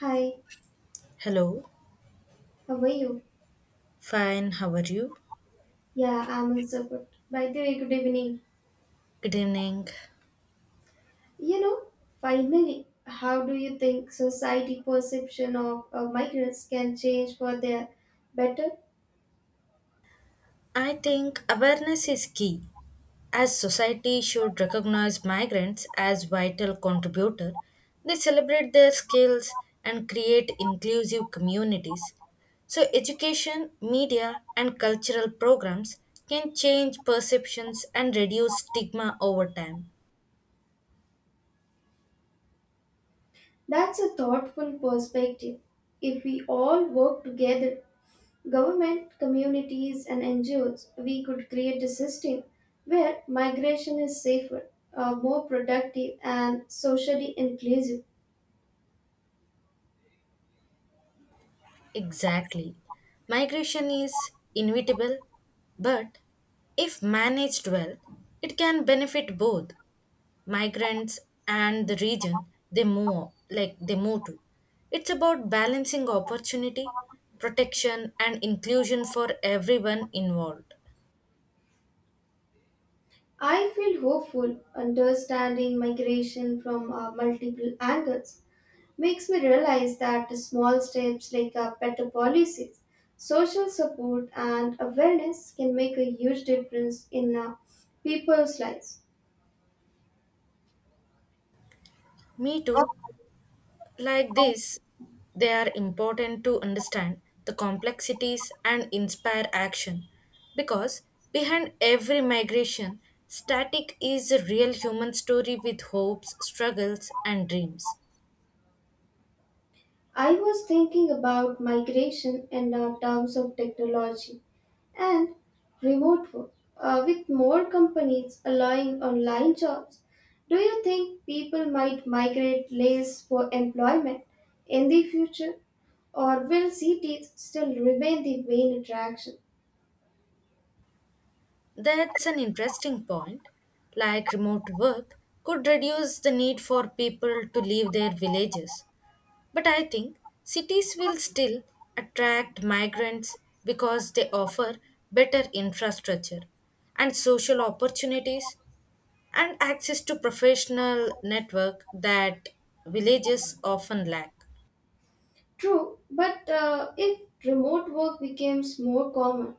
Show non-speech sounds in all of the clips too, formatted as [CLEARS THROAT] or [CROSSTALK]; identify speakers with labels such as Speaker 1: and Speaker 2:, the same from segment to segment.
Speaker 1: Hi,
Speaker 2: Hello,
Speaker 1: how are you?
Speaker 2: fine, how are you?
Speaker 1: Yeah, I'm also good. By the way, good evening.
Speaker 2: Good evening.
Speaker 1: You know, Finally, how do you think society perception of migrants can change for their better?
Speaker 2: I think awareness is key. As society should recognize migrants as vital contributor, they celebrate their skills and create inclusive communities. So education, media and cultural programs can change perceptions and reduce stigma over time.
Speaker 1: That's a thoughtful perspective. If we all work together, government, communities, and NGOs, we could create a system where migration is safer, more productive, and socially inclusive.
Speaker 2: Exactly. Migration is inevitable, but if managed well, it can benefit both migrants and the region they move to. It's about balancing opportunity, protection and inclusion for everyone involved.
Speaker 1: I feel hopeful. Understanding migration from multiple angles makes me realize that small steps like better policies, social support, and awareness can make a huge difference in people's lives.
Speaker 2: Me too. Like this, they are important to understand the complexities and inspire action because behind every migration, static is a real human story with hopes, struggles, and dreams.
Speaker 1: I was thinking about migration in terms of technology and remote work. With more companies allowing online jobs, do you think people might migrate less for employment in the future? Or will cities still remain the main attraction?
Speaker 2: That's an interesting point. Like remote work could reduce the need for people to leave their villages. But I think cities will still attract migrants because they offer better infrastructure and social opportunities and access to professional network that villages often lack.
Speaker 1: True, but if remote work becomes more common,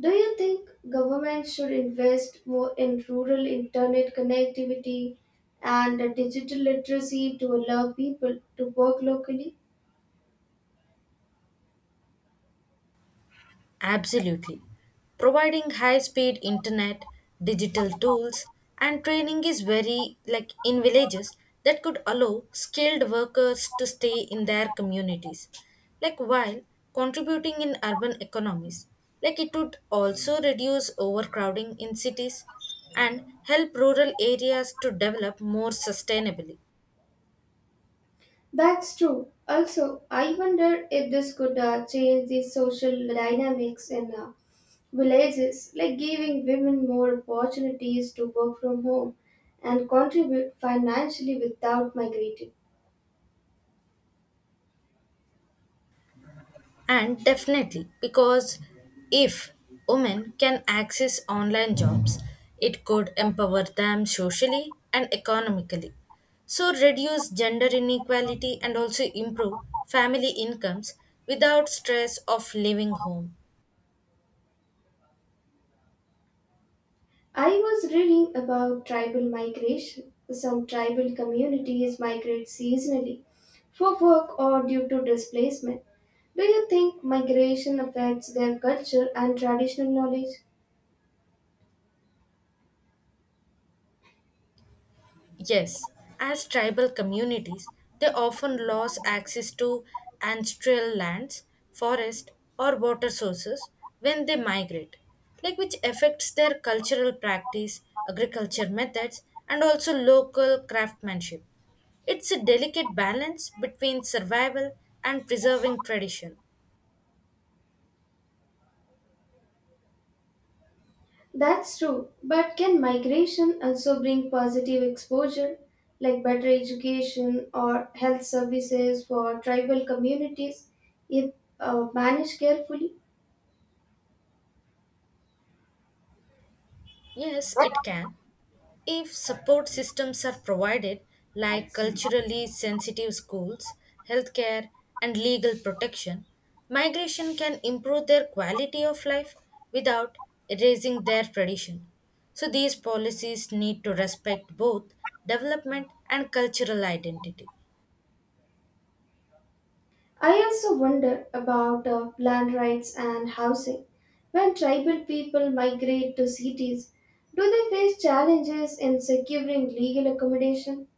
Speaker 1: do you think government should invest more in rural internet connectivity and digital literacy to allow people to work locally?
Speaker 2: Absolutely. Providing high speed internet, digital tools, and training is very like in villages that could allow skilled workers to stay in their communities. Like while contributing in urban economies, like it would also reduce overcrowding in cities and help rural areas to develop more sustainably.
Speaker 1: That's true. Also, I wonder if this could change the social dynamics in villages, like giving women more opportunities to work from home and contribute financially without migrating.
Speaker 2: And definitely, because if women can access online jobs, it could empower them socially and economically. So, reduce gender inequality and also improve family incomes without stress of leaving home.
Speaker 1: I was reading about tribal migration. Some tribal communities migrate seasonally for work or due to displacement. Do you think migration affects their culture and traditional knowledge?
Speaker 2: Yes, as tribal communities, they often lose access to ancestral lands, forest, or water sources when they migrate, like which affects their cultural practice, agriculture methods, and also local craftsmanship. It's a delicate balance between survival and preserving tradition.
Speaker 1: That's true, but can migration also bring positive exposure, like better education or health services for tribal communities if managed carefully?
Speaker 2: Yes, it can. If support systems are provided, like culturally sensitive schools, healthcare, and legal protection, migration can improve their quality of life without erasing their tradition. So, these policies need to respect both development and cultural identity.
Speaker 1: I also wonder about land rights and housing. When tribal people migrate to cities, do they face challenges in securing legal accommodation?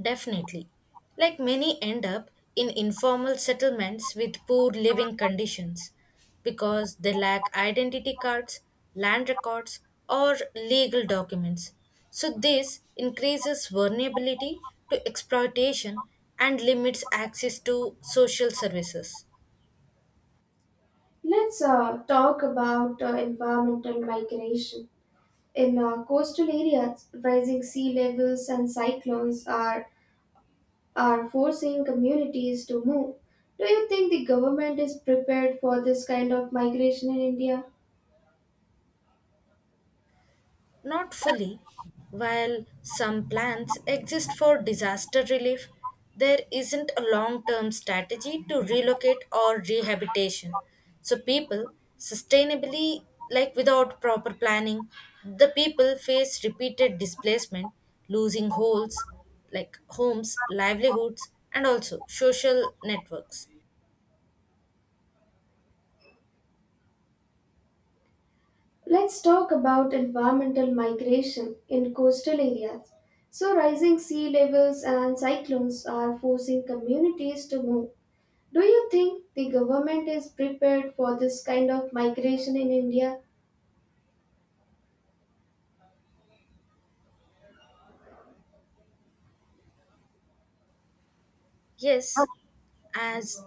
Speaker 2: Definitely. Like many end up in informal settlements with poor living conditions because they lack identity cards, land records, or legal documents. So, this increases vulnerability to exploitation and limits access to social services.
Speaker 1: Let's talk about environmental migration. In coastal areas, rising sea levels and cyclones are forcing communities to move. Do you think the government is prepared for this kind of migration in India?
Speaker 2: Not fully. While some plans exist for disaster relief, there isn't a long term strategy to relocate or rehabilitation. So, people sustainably, like without proper planning, the people face repeated displacement, losing holes like homes, livelihoods, and also social networks.
Speaker 1: Let's talk about environmental migration in coastal areas. So, rising sea levels and cyclones are forcing communities to move. Do you think the government is prepared for this kind of migration in India?
Speaker 2: Yes, as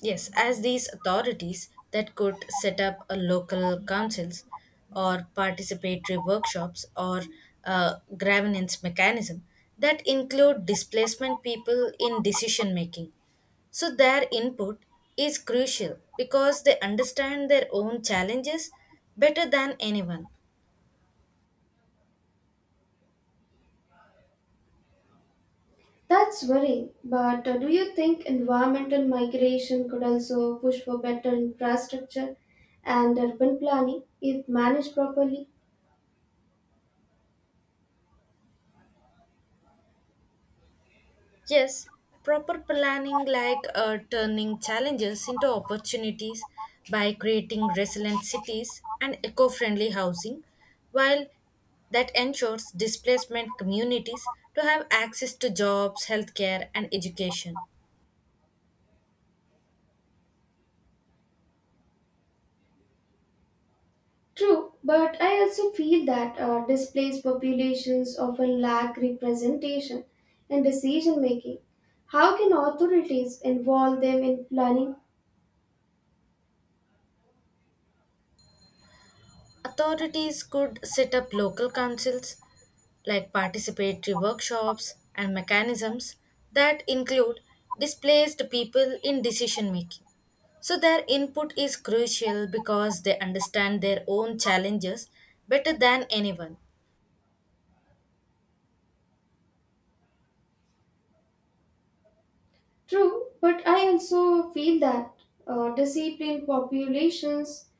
Speaker 2: Yes, as these authorities that could set up a local councils or participatory workshops or governance mechanism that include displacement people in decision making. So their input is crucial because they understand their own challenges better than anyone.
Speaker 1: That's worrying, but do you think environmental migration could also push for better infrastructure and urban planning if managed properly?
Speaker 2: Yes, proper planning like turning challenges into opportunities by creating resilient cities and eco friendly housing, while that ensures displacement communities to have access to jobs, healthcare, and education.
Speaker 1: True, but I also feel that displaced populations often lack representation in decision making. How can authorities involve them in planning?
Speaker 2: Authorities could set up local councils like participatory workshops and mechanisms that include displaced people in decision making. So, their input is crucial because they understand their own challenges better than anyone.
Speaker 1: True, but I also feel that disciplined populations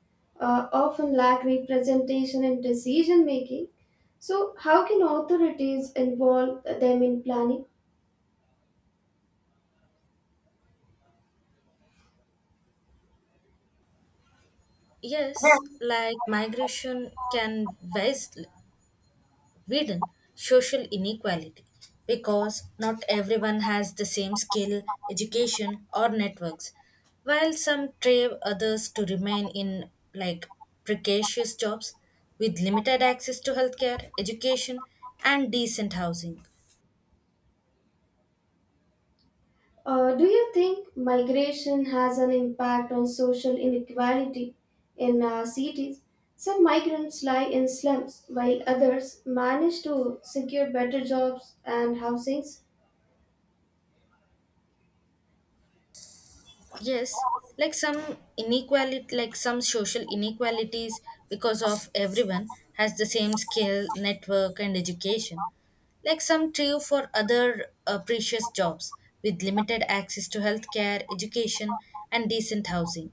Speaker 1: often lack representation in decision making. So, how can authorities involve them in planning?
Speaker 2: Yes, like migration can widen social inequality because not everyone has the same skill, education, or networks, while some crave others to remain in like precarious jobs with limited access to healthcare, education, and decent housing.
Speaker 1: Do you think migration has an impact on social inequality in cities? Some migrants lie in slums while others manage to secure better jobs and housings.
Speaker 2: Yes, like some social inequalities because of everyone has the same skill, network, and education. Like some true for other precious jobs with limited access to healthcare, education, and decent housing.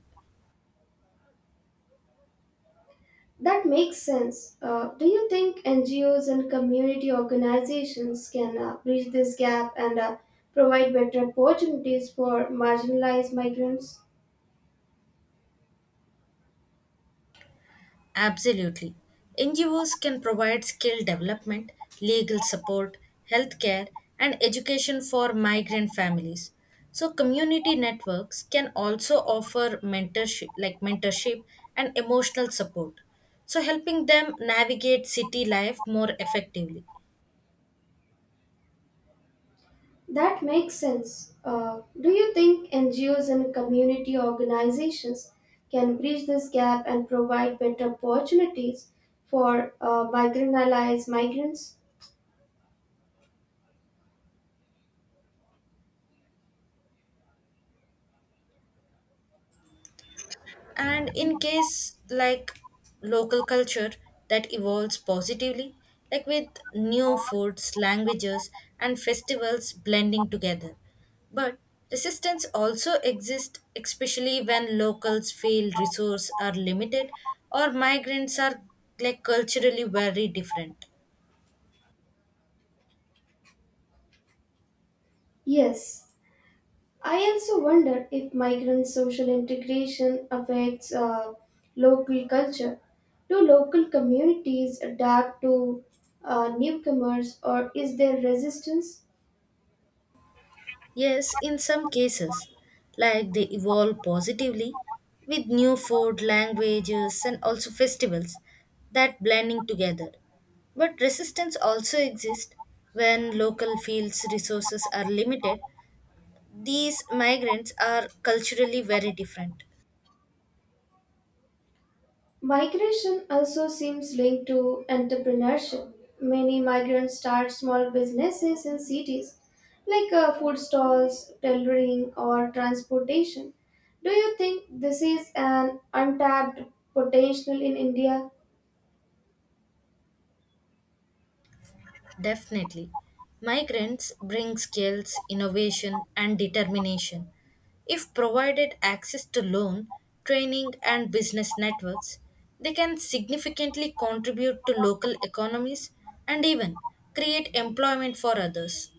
Speaker 1: That makes sense. Do you think NGOs and community organizations can bridge this gap and provide better opportunities for marginalized migrants?
Speaker 2: Absolutely. NGOs can provide skill development, legal support, healthcare, and education for migrant families. So community networks can also offer mentorship and emotional support. So helping them navigate city life more effectively.
Speaker 1: That makes sense. Do you think NGOs and community organizations can bridge this gap and provide better opportunities for marginalized migrants?
Speaker 2: And in case like local culture that evolves positively like with new foods languages and festivals blending together but resistance also exists, especially when locals feel resources are limited or migrants are like culturally very different.
Speaker 1: Yes. I also wonder if migrant social integration affects local culture. Do local communities adapt to newcomers or is there resistance?
Speaker 2: Yes, in some cases, like they evolve positively with new food, languages, and also festivals that blending together. But resistance also exists when local fields' resources are limited. These migrants are culturally very different.
Speaker 1: Migration also seems linked to entrepreneurship. Many migrants start small businesses in cities, like food stalls, tailoring, or transportation. Do you think this is an untapped potential in India?
Speaker 2: Definitely. Migrants bring skills, innovation, and determination. If provided access to loan, training, and business networks, they can significantly contribute to local economies and even create employment for others.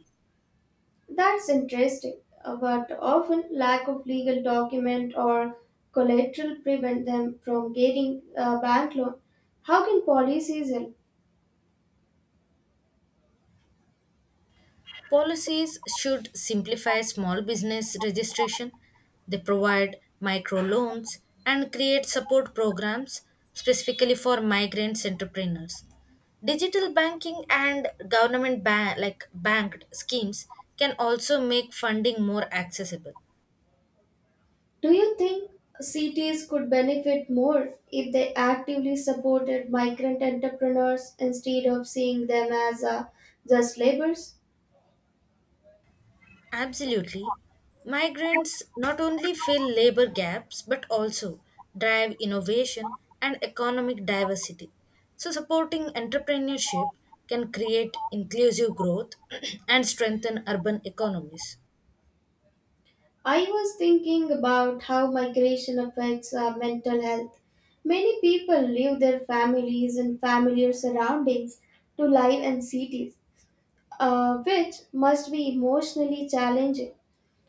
Speaker 1: That's interesting, but often lack of legal document or collateral prevent them from getting a bank loan. How can policies help?
Speaker 2: Policies should simplify small business registration. They provide microloans and create support programs specifically for migrant entrepreneurs. Digital banking and government banked schemes can also make funding more accessible.
Speaker 1: Do you think cities could benefit more if they actively supported migrant entrepreneurs instead of seeing them as just laborers?
Speaker 2: Absolutely. Migrants not only fill labor gaps but also drive innovation and economic diversity. So, supporting entrepreneurship can create inclusive growth [CLEARS THROAT] and strengthen urban economies.
Speaker 1: I was thinking about how migration affects mental health. Many people leave their families and familiar surroundings to live in cities, which must be emotionally challenging.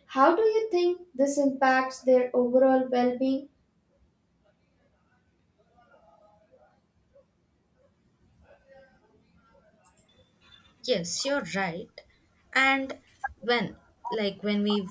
Speaker 1: How do you think this impacts their overall well being?
Speaker 2: Yes, you're right. And when, like, when we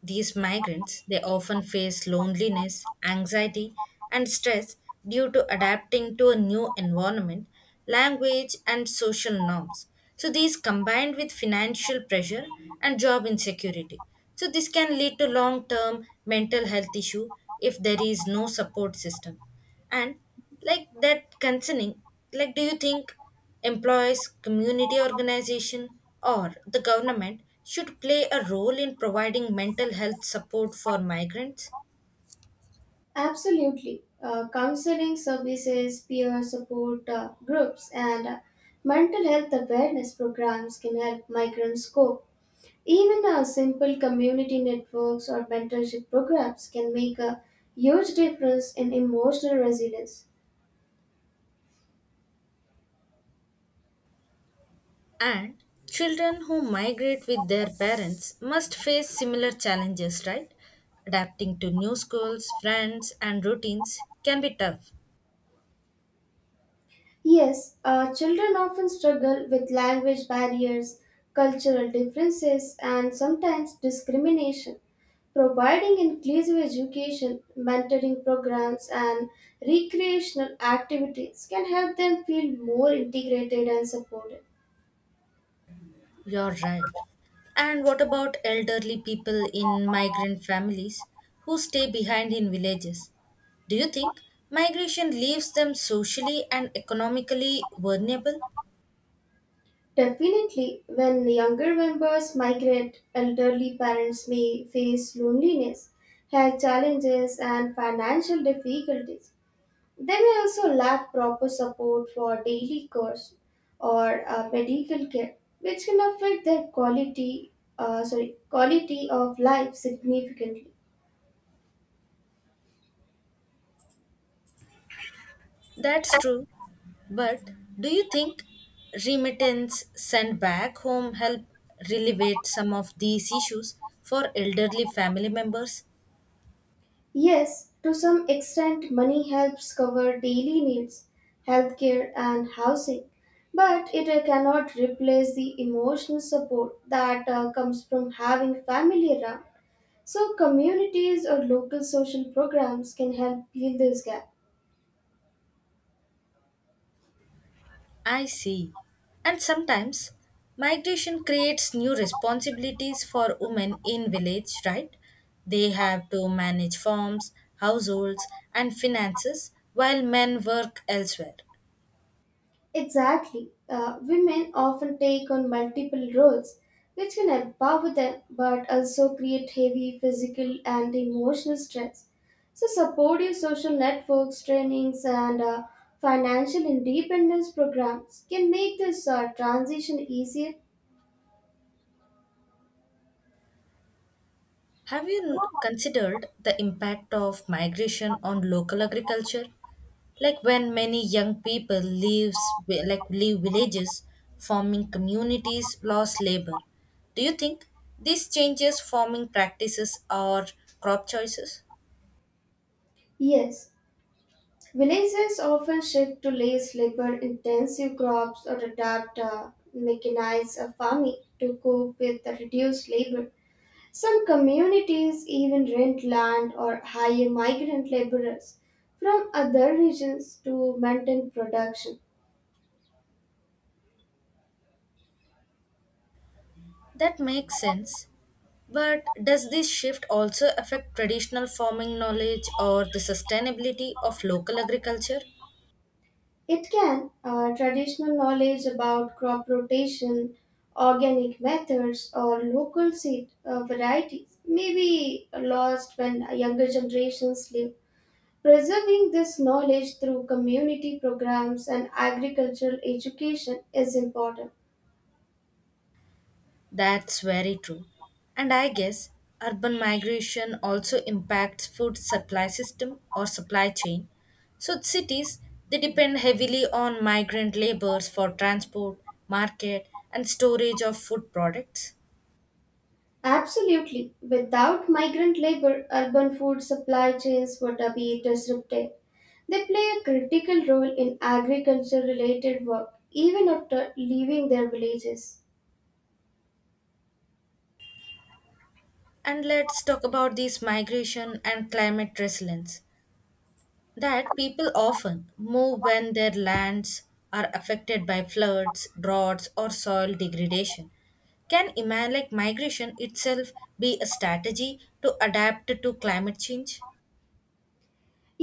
Speaker 2: these migrants, they often face loneliness, anxiety, and stress due to adapting to a new environment, language, and social norms. So, these combined with financial pressure and job insecurity. So, this can lead to long term mental health issue if there is no support system. And, like that, concerning, like, do you think employees, community organization, or the government should play a role in providing mental health support for migrants
Speaker 1: Absolutely. Counseling services, peer support groups, and mental health awareness programs can help migrants cope. Even simple community networks or mentorship programs can make a huge difference in emotional resilience.
Speaker 2: and children who migrate with their parents must face similar challenges, right? Adapting to new schools, friends, and routines can be tough.
Speaker 1: Yes, children often struggle with language barriers, cultural differences, and sometimes discrimination. Providing inclusive education, mentoring programs, and recreational activities can help them feel more integrated and supported.
Speaker 2: You're right. And what about elderly people in migrant families who stay behind in villages? Do you think migration leaves them socially and economically vulnerable?
Speaker 1: Definitely, when younger members migrate, elderly parents may face loneliness, health challenges, and financial difficulties. They may also lack proper support for daily chores or medical care, which can affect their quality of life significantly.
Speaker 2: That's true. But do you think remittance sent back home help relieve some of these issues for elderly family members?
Speaker 1: Yes, to some extent, money helps cover daily needs, healthcare, and housing, but it cannot replace the emotional support that comes from having family around. So, communities or local social programs can help fill this gap.
Speaker 2: I see. And sometimes migration creates new responsibilities for women in village, right? They have to manage farms, households, and finances while men work elsewhere.
Speaker 1: Exactly. Women often take on multiple roles, which can empower them but also create heavy physical and emotional stress. So, supportive social networks, trainings, and financial independence programs can make this transition easier.
Speaker 2: Have you considered the impact of migration on local agriculture? Like when many young people leaves vi- like leave villages, farming communities lost labor. Do you think this changes farming practices or crop choices?
Speaker 1: Yes, villages often shift to less labor intensive crops or adapt mechanized farming to cope with the reduced labor. Some communities even rent land or hire migrant laborers from other regions to maintain production.
Speaker 2: That makes sense. But does this shift also affect traditional farming knowledge or the sustainability of local agriculture?
Speaker 1: It can, traditional knowledge about crop rotation, organic methods, or local seed varieties may be lost when younger generations leave. Preserving this knowledge through community programs and agricultural education is important.
Speaker 2: That's very true. And I guess urban migration also impacts food supply system or supply chain. So cities they depend heavily on migrant laborers for transport, market and storage of food products.
Speaker 1: Absolutely. Without migrant labor, urban food supply chains would be disrupted. They play a critical role in agriculture related work even after leaving their villages.
Speaker 2: And let's talk about this migration and climate resilience. That people often move when their lands are affected by floods, droughts, or soil degradation. Can migration itself be a strategy to adapt to climate change?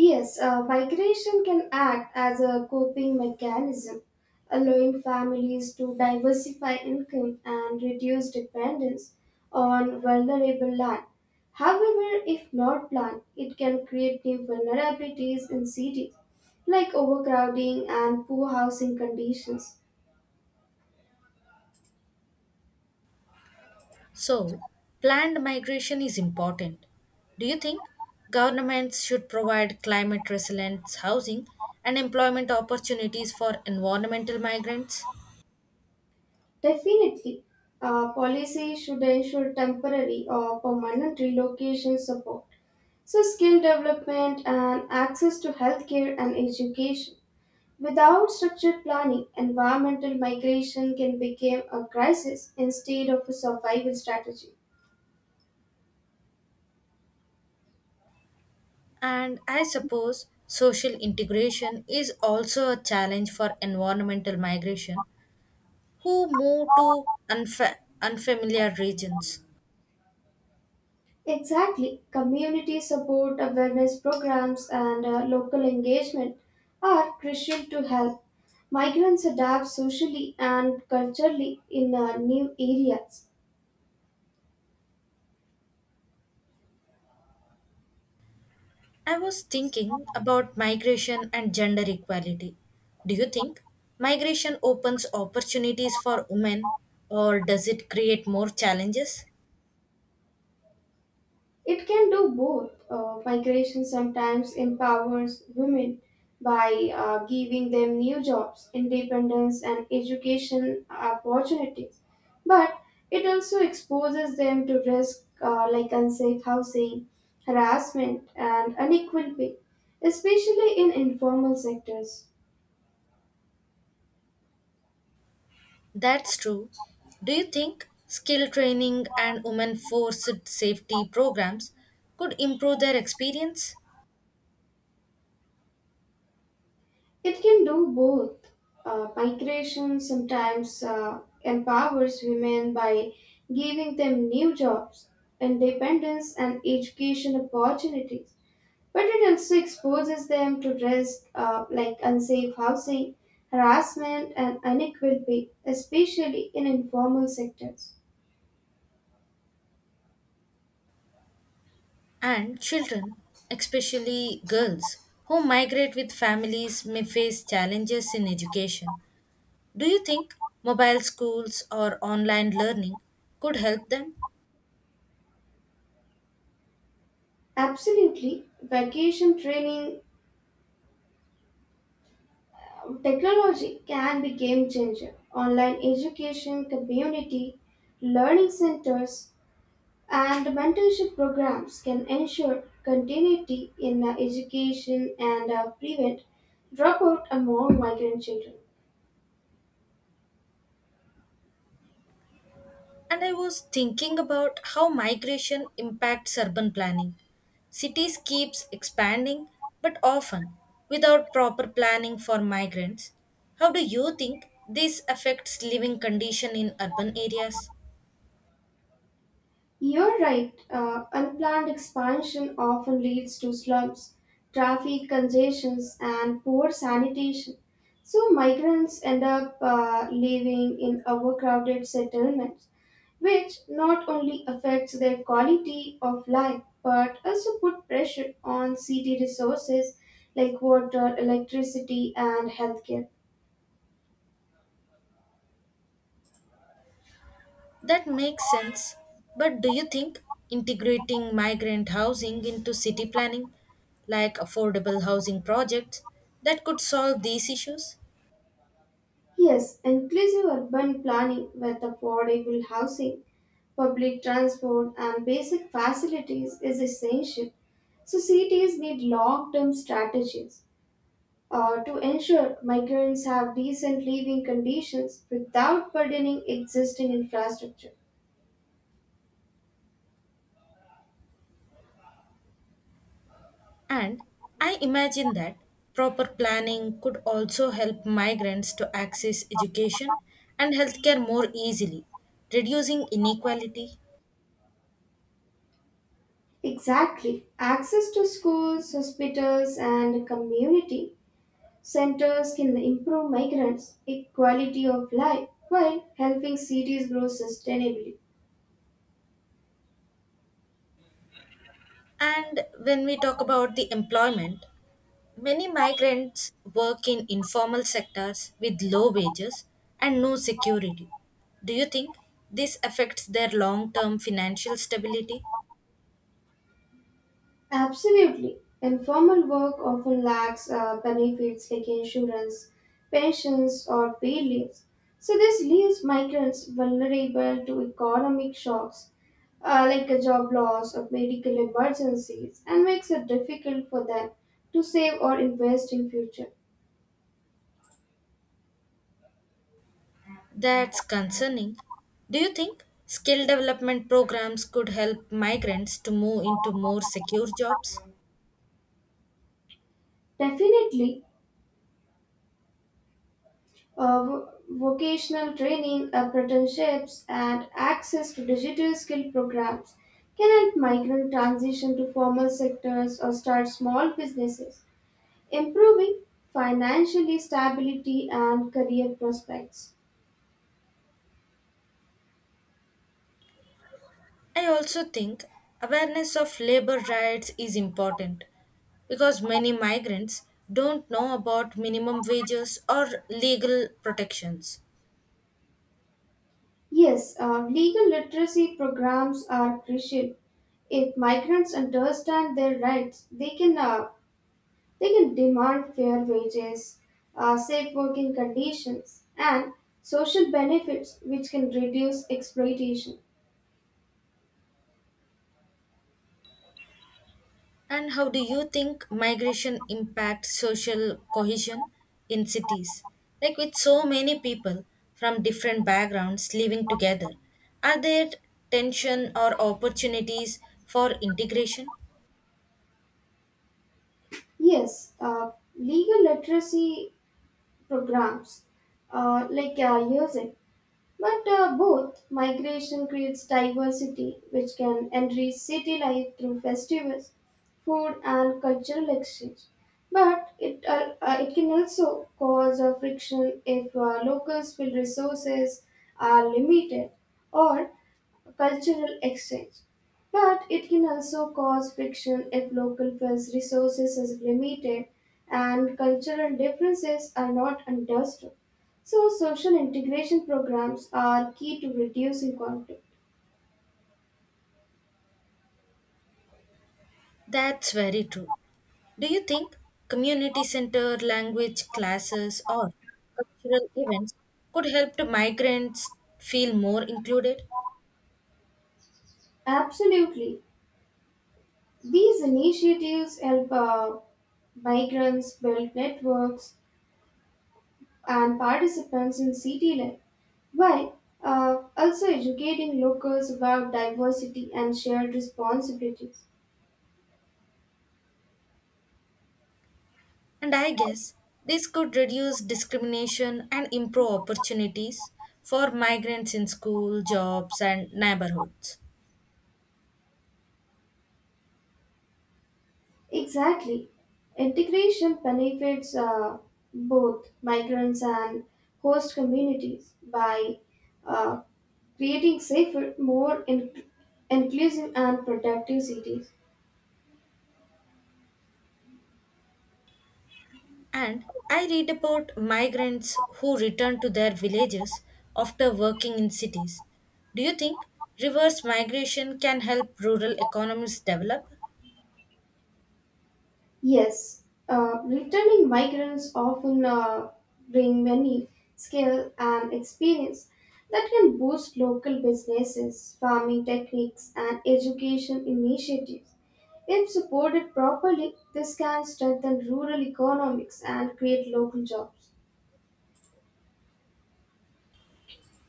Speaker 1: Yes, migration can act as a coping mechanism, allowing families to diversify income and reduce dependence on vulnerable land. However, if not planned, it can create new vulnerabilities in cities, like overcrowding and poor housing conditions.
Speaker 2: So, planned migration is important. Do you think governments should provide climate resilient housing and employment opportunities for environmental migrants?
Speaker 1: Definitely, policy should ensure temporary or permanent relocation support. So, skill development and access to healthcare and education. Without structured planning, environmental migration can become a crisis instead of a survival strategy.
Speaker 2: And I suppose social integration is also a challenge for environmental migration who move to unfamiliar regions.
Speaker 1: Exactly, community support, awareness programs, and local engagement are crucial to help migrants adapt socially and culturally in new areas.
Speaker 2: I was thinking about migration and gender equality. Do you think migration opens opportunities for women or does it create more challenges?
Speaker 1: It can do both. Migration sometimes empowers women by giving them new jobs, independence, and education opportunities, but it also exposes them to risk like unsafe housing, harassment, and unequal pay, especially in informal sectors.
Speaker 2: That's true. Do you think skill training and women forced safety programs could improve their experience?
Speaker 1: It can do both. Migration sometimes empowers women by giving them new jobs, independence, and education opportunities. But it also exposes them to risks like unsafe housing, harassment, and unequal pay, especially in informal sectors.
Speaker 2: And children, especially girls, who migrate with families may face challenges in education. Do you think mobile schools or online learning could help them?
Speaker 1: Absolutely, vacation training technology can be game changer. Online education, community learning centers, and mentorship programs can ensure continuity in education and prevent dropout among migrant children.
Speaker 2: And I was thinking about how migration impacts urban planning. Cities keeps expanding but often without proper planning for migrants. How do you think this affects living condition in urban areas?
Speaker 1: You're right, unplanned expansion often leads to slums, traffic congestions, and poor sanitation. So, migrants end up living in overcrowded settlements which not only affects their quality of life but also put pressure on city resources like water, electricity, and healthcare.
Speaker 2: That makes sense. But do you think integrating migrant housing into city planning, like affordable housing projects, that could solve these issues?
Speaker 1: Yes, inclusive urban planning with affordable housing, public transport, and basic facilities is essential. So cities need long-term strategies to ensure migrants have decent living conditions without burdening existing infrastructure.
Speaker 2: And I imagine that proper planning could also help migrants to access education and healthcare more easily, reducing inequality.
Speaker 1: Exactly. Access to schools, hospitals, and community centers can improve migrants' quality of life while helping cities grow sustainably.
Speaker 2: And when we talk about the employment, many migrants work in informal sectors with low wages and no security. Do you think this affects their long term financial stability?
Speaker 1: Absolutely. Informal work often lacks benefits like insurance, pensions, or paid leaves. So, this leaves migrants vulnerable to economic shocks like a job loss or medical emergencies and makes it difficult for them to save or invest in future.
Speaker 2: That's concerning. Do you think skill development programs could help migrants to move into more secure jobs?
Speaker 1: Definitely. Vocational training, apprenticeships, and access to digital skill programs can help migrant transition to formal sectors or start small businesses, improving financially stability and career prospects.
Speaker 2: I also think awareness of labor rights is important because many migrants don't know about minimum wages or legal protections.
Speaker 1: Yes, legal literacy programs are crucial. If migrants understand their rights, they can demand fair wages, safe working conditions, and social benefits which can reduce exploitation.
Speaker 2: And how do you think migration impacts social cohesion in cities? Like with so many people from different backgrounds living together, are there tension or opportunities for integration?
Speaker 1: Yes, legal literacy programs like USIP. But both migration creates diversity, which can enrich city life through festivals, food, and cultural exchange. But it can also cause a friction if locals' field resources are limited or cultural exchange. But it can also cause friction if local funds resources is limited and cultural differences are not understood. So social integration programs are key to reducing conflict.
Speaker 2: That's very true. Do you think community center language classes or cultural events could help to migrants feel more included?
Speaker 1: Absolutely. These initiatives help migrants build networks and participants in city life while also educating locals about diversity and shared responsibilities.
Speaker 2: And I guess this could reduce discrimination and improve opportunities for migrants in school, jobs, and neighborhoods.
Speaker 1: Exactly. Integration benefits both migrants and host communities by uh, creating safer, inclusive, and productive cities.
Speaker 2: And I read about migrants who return to their villages after working in cities. Do you think reverse migration can help rural economies develop?
Speaker 1: Yes, returning migrants often bring many skills and experience that can boost local businesses, farming techniques, and education initiatives. If supported properly, this can strengthen rural economics and create local jobs.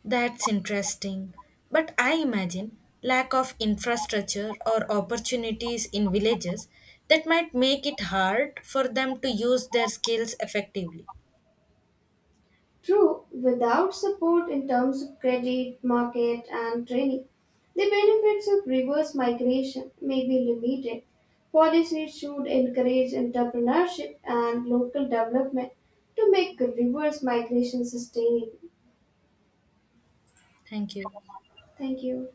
Speaker 2: That's interesting. But I imagine lack of infrastructure or opportunities in villages that might make it hard for them to use their skills effectively.
Speaker 1: True, without support in terms of credit, market, and training, the benefits of reverse migration may be limited. Policies should encourage entrepreneurship and local development to make reverse migration sustainable.
Speaker 2: Thank you.
Speaker 1: Thank you.